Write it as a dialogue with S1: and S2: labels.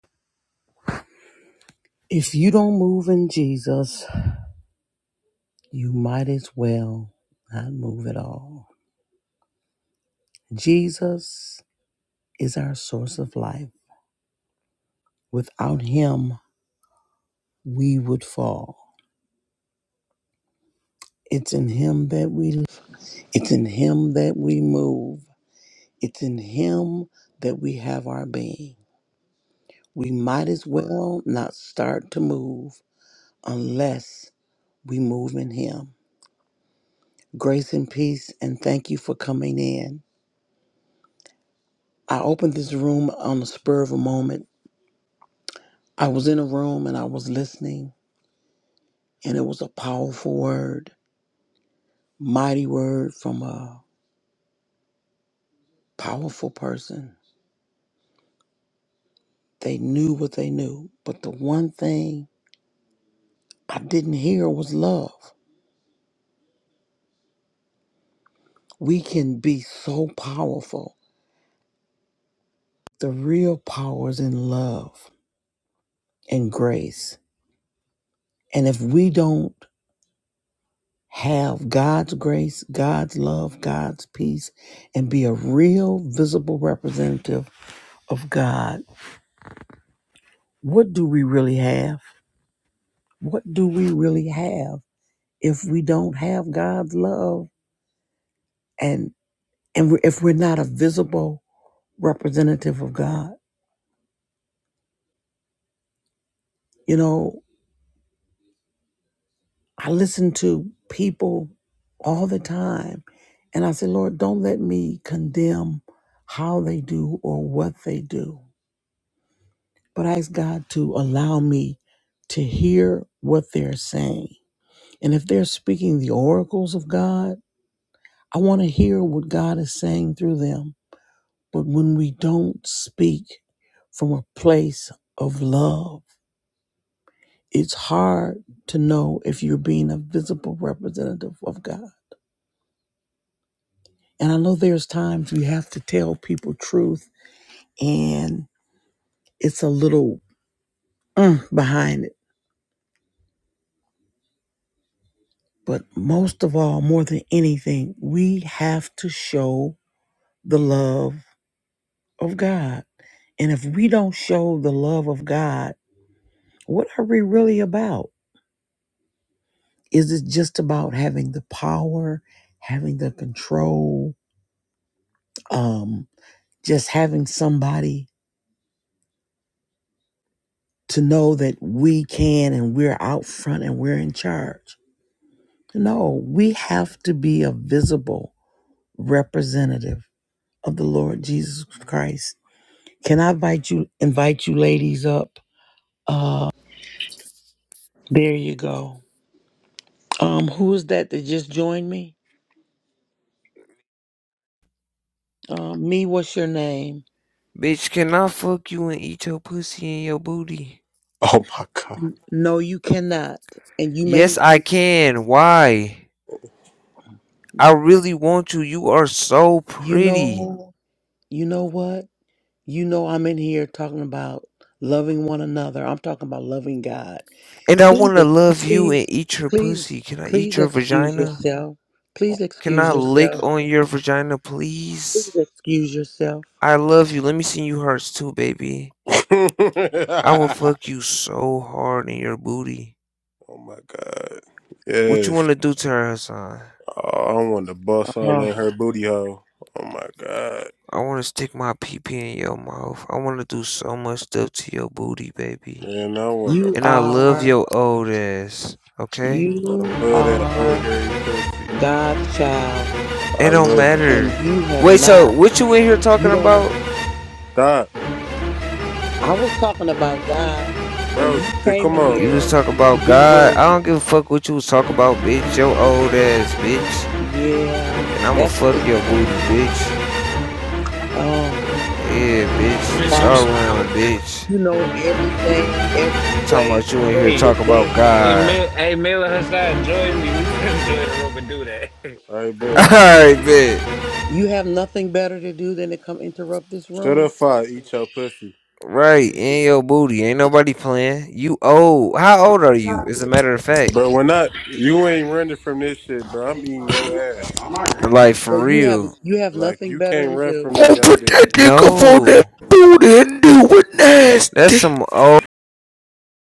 S1: If you don't move in Jesus, you might as well not move at all. Jesus is our source of life. Without him, we would fall. It's in him that we live. It's in him that we move. It's in him that we have our being. We might as well not start to move unless we move in him. Grace and peace and thank you for coming in. I opened this room on the spur of a moment I was in a room and I was listening, and it was a powerful word, mighty word from a powerful person. They knew what they knew, but the one thing I didn't hear was love. We can be so powerful. The real power is in love and grace. And if we don't have God's grace, God's love, God's peace, and be a real visible representative of God, what do we really have? what do we really have if we don't have God's love and and we if we're not a visible representative of God? You know, I listen to people all the time and I say, Lord, don't let me condemn how they do or what they do, but I ask God to allow me to hear what they're saying. And if they're speaking the oracles of God, I want to hear what God is saying through them But when we don't speak from a place of love, it's hard to know if you're being a visible representative of God. And I know there's times we have to tell people truth and it's a little mm, behind it. But most of all, more than anything, we have to show the love of God. And if we don't show the love of God, what are we really about? Is it just about having the power, having the control, um, just having somebody to know that we can and we're out front and we're in charge? No, we have to be a visible representative of the Lord Jesus Christ. Can I invite you invite you ladies up? Uh there you go. Um who is that that just joined me? Uh, me, what's your name?
S2: Bitch, can I fuck you and eat your pussy and your booty?
S3: Oh my god.
S1: No, you cannot. And you
S2: Yes,
S1: may
S2: I can. Why? I really want you. You are so
S1: you
S2: pretty.
S1: know You know what? You know I'm in here talking about loving one another. I'm talking about loving God.
S2: And I
S1: Please,
S2: want to
S1: ex-
S2: love you and
S1: please,
S2: eat your
S1: please,
S2: pussy. Can I eat
S1: please
S2: your
S1: excuse
S2: vagina?
S1: yourself. Please
S2: Can I
S1: excuse
S2: lick
S1: yourself.
S2: on your vagina, please?
S1: Please excuse yourself.
S2: I love you. Let me see you hurts too, baby. I will fuck you so hard in your booty.
S3: oh my god.
S2: What you want
S3: Yes.
S2: to do to her, Hassan?
S3: Oh, I want to bust all
S1: Uh-huh.
S3: in her booty hole. Oh my god.
S2: I want to stick my pee pee in your mouth. I want to do so much stuff to your booty, baby.
S3: Man, I want to.
S1: You
S2: and I love
S1: are,
S2: your old ass. Okay,
S3: I
S1: you
S3: love that old
S1: are
S3: hairy pussy.
S1: God's child,
S2: it
S3: I
S2: don't
S3: love you.
S2: matter.
S1: and you have
S2: Wait, so
S1: not.
S2: what you in here
S1: You
S2: talking
S1: don't want.
S2: about?
S3: Stop,
S1: I was talking about God, and
S3: bro.
S1: you
S3: st-
S1: came
S3: Come
S1: in
S3: on,
S2: You
S1: here
S2: was
S3: bro.
S2: talking
S1: to
S2: about
S1: be
S2: God. I
S1: rude.
S2: don't give a fuck what you was talking about, bitch. Your old ass, bitch.
S1: Yeah,
S2: And I'ma
S1: that's
S2: fuck
S1: it's.
S2: your booty, bitch.
S1: Oh,
S2: Yeah, bitch. It's
S1: Father.
S2: our
S4: Business
S2: room,
S4: or
S2: bitch.
S1: You know everything, every
S2: Talking
S1: way
S2: about you in here
S4: Hey,
S1: that
S2: talking
S1: they
S2: about
S1: have.
S4: hey,
S2: God.
S4: Mel hey, Miller Hassan, join me. We finna join the room and do that.
S3: I bet.
S2: Alright, bitch.
S1: You have nothing better to do than to come interrupt this
S3: Shut
S1: room.
S3: up, I eat your pussy,
S2: Right, in your booty. Ain't nobody playing. You old. How old are you? As a matter of fact.
S3: bro. We're not. You ain't running from this shit, bro. I'm eating your ass.
S2: Like,
S1: So
S2: for
S1: you have
S2: real.
S1: you have
S3: Like
S1: nothing
S3: you
S1: better
S3: can't
S1: to
S3: run
S1: do.
S3: from this
S5: Gonna
S3: young
S5: put
S3: dick.
S5: that nigga on that
S2: No.
S5: boot and do it nasty.
S2: That's some old